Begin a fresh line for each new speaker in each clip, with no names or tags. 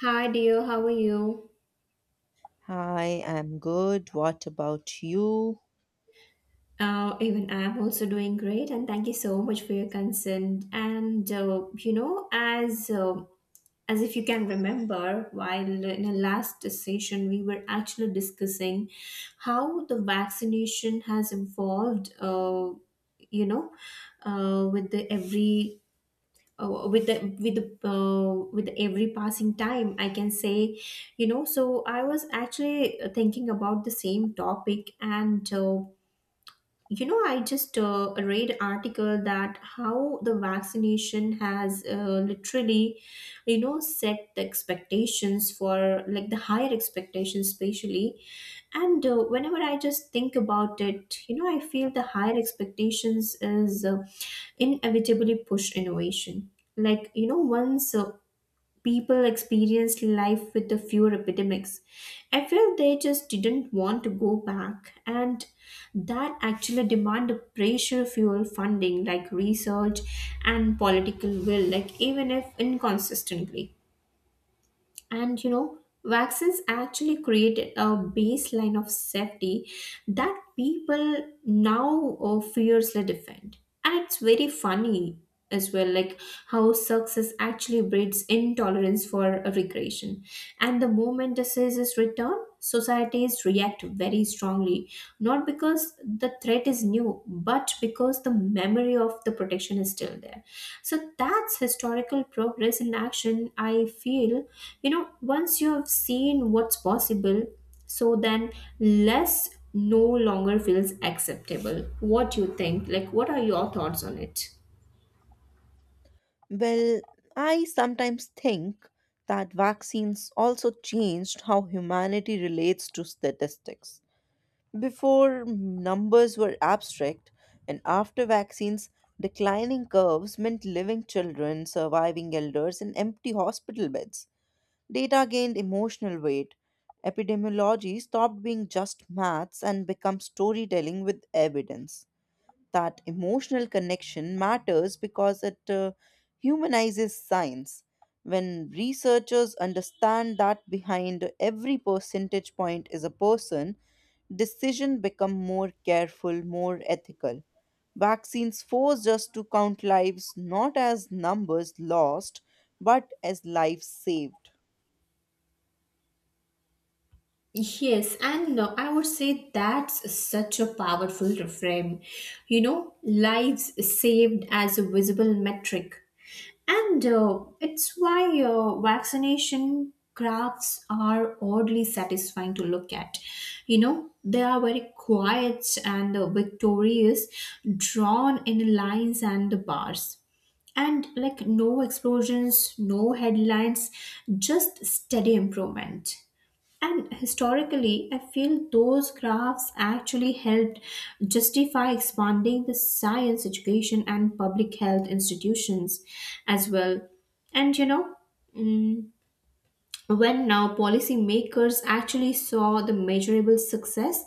Hi dear, how are you?
Hi, I'm good. What about you?
Even I'm also doing great, and thank you so much for your consent. And as if you can remember, while in the last session we were actually discussing how the vaccination has evolved. You know, with the every with the with the with every passing time I can say, you know, so I was actually thinking about the same topic, and I just read article that how the vaccination has literally, set the expectations for, like, the higher expectations especially. And whenever I just think about it, I feel the higher expectations is inevitably push innovation. Like, you know once people experienced life with the fewer epidemics, I feel they just didn't want to go back, and that actually demand a pressure fuel funding, like research and political will, like even if inconsistently. And, vaccines actually created a baseline of safety that people now fiercely defend. And it's very funny as well, like how success actually breeds intolerance for a regression. And the moment diseases return, societies react very strongly, not because the threat is new, but because the memory of the protection is still there. So that's historical progress in action, I feel. You know, once you have seen what's possible, so then less no longer feels acceptable. What do you think? Like, what are your thoughts on it?
Well, I sometimes think that vaccines also changed how humanity relates to statistics. Before, numbers were abstract, and after vaccines, declining curves meant living children, surviving elders, and empty hospital beds. Data gained emotional weight. Epidemiology stopped being just maths and became storytelling with evidence. That emotional connection matters because it humanizes science. When researchers understand that behind every percentage point is a person, decisions become more careful, more ethical. Vaccines force us to count lives not as numbers lost, but as lives saved.
Yes, and I would say that's such a powerful reframe. You know, lives saved as a visible metric. And it's why vaccination graphs are oddly satisfying to look at. You know, they are very quiet and victorious, drawn in lines and bars. And, like, no explosions, no headlines, just steady improvement. And historically, I feel those graphs actually helped justify expanding the science education and public health institutions as well. And, you know, mm, when now policymakers actually saw the measurable success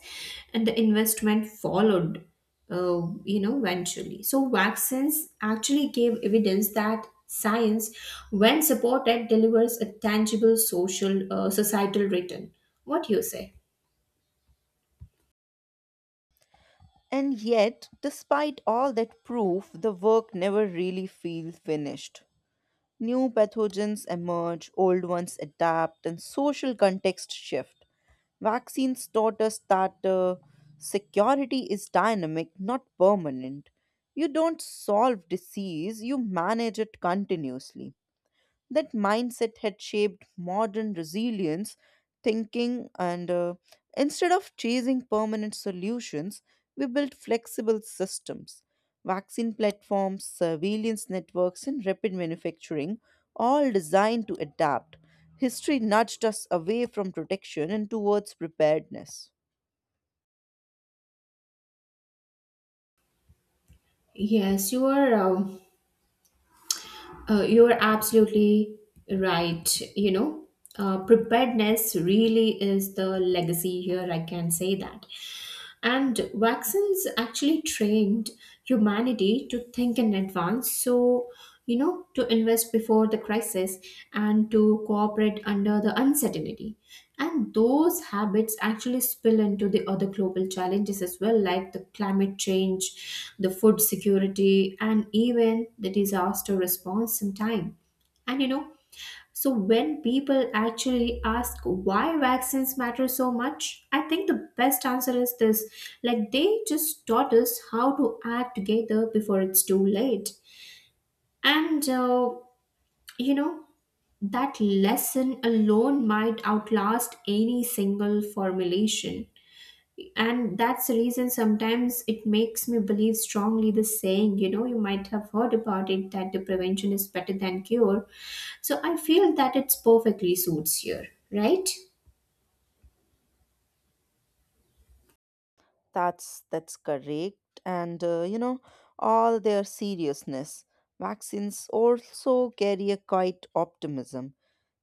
and the investment followed, you know, eventually. So vaccines actually gave evidence that science, when supported, delivers a tangible social, societal return. What do you say?
And yet, despite all that proof, the work never really feels finished. New pathogens emerge, old ones adapt, and social context shift. Vaccines taught us that security is dynamic, not permanent. You don't solve disease, you manage it continuously. That mindset had shaped modern resilience thinking, and instead of chasing permanent solutions, we built flexible systems. Vaccine platforms, surveillance networks, and rapid manufacturing, all designed to adapt. History nudged us away from protection and towards preparedness.
Yes, you are. You're absolutely right. You know, preparedness really is the legacy here, I can say that. And vaccines actually trained humanity to think in advance. So, you know, to invest before the crisis and to cooperate under the uncertainty. And those habits actually spill into the other global challenges as well, like the climate change, the food security, and even the disaster response in time. And, you know, so when people actually ask why vaccines matter so much, I think the best answer is this, like they just taught us how to act together before it's too late. And you know that lesson alone might outlast any single formulation, and that's the reason sometimes it makes me believe strongly the saying, you know, you might have heard about it, that the prevention is better than cure. So I feel that it's perfectly suits here, right?
That's correct. And all their seriousness, vaccines also carry a quiet optimism.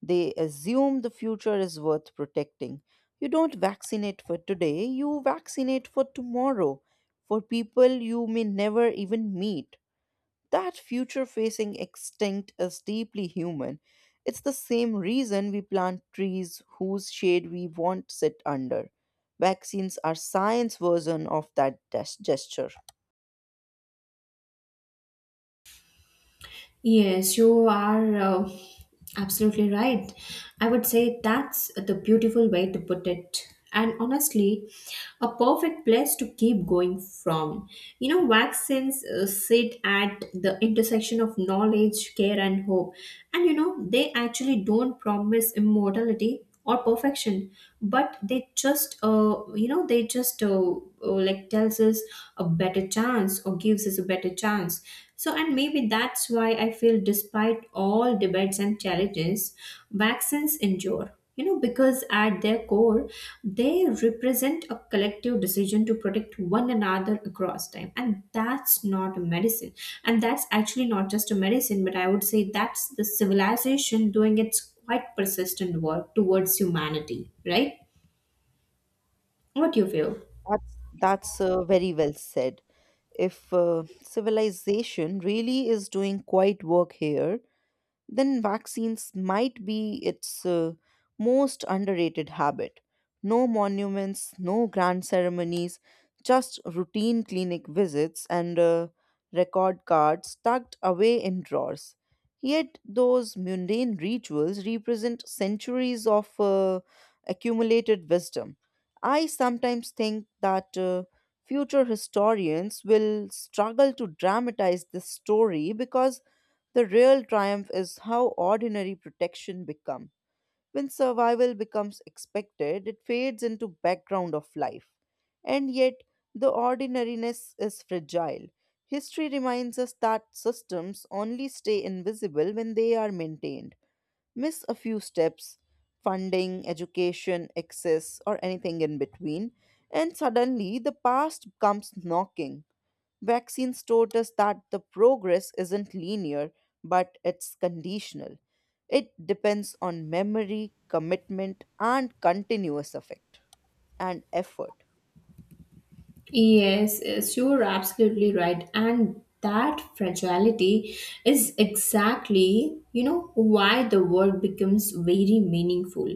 They assume the future is worth protecting. You don't vaccinate for today, you vaccinate for tomorrow, for people you may never even meet. That future facing extinct is deeply human. It's the same reason we plant trees whose shade we won't sit under. Vaccines are science version of that gesture.
Yes, you are absolutely right. I would say that's the beautiful way to put it. And honestly, a perfect place to keep going from. You know, vaccines sit at the intersection of knowledge, care, and hope. And, you know, they actually don't promise immortality or perfection, but they just like tells us a better chance, or gives us a better chance. So, and maybe that's why I feel, despite all debates and challenges, vaccines endure, you know, because at their core they represent a collective decision to protect one another across time, and that's not a medicine, and that's actually not just a medicine, but I would say that's the civilization doing its quite persistent work towards humanity, right? What you feel?
That's very well said. If civilization really is doing quite work here, then vaccines might be its most underrated habit. No monuments, no grand ceremonies, just routine clinic visits and record cards tucked away in drawers. Yet, those mundane rituals represent centuries of accumulated wisdom. I sometimes think that future historians will struggle to dramatize this story because the real triumph is how ordinary protection becomes. When survival becomes expected, it fades into background of life. And yet, the ordinariness is fragile. History reminds us that systems only stay invisible when they are maintained. Miss a few steps, funding, education, access, or anything in between, and suddenly the past comes knocking. Vaccines taught us that the progress isn't linear, but it's conditional. It depends on memory, commitment, and continuous effect and effort.
Yes, yes, you're absolutely right. And that fragility is exactly, you know, why the work becomes very meaningful,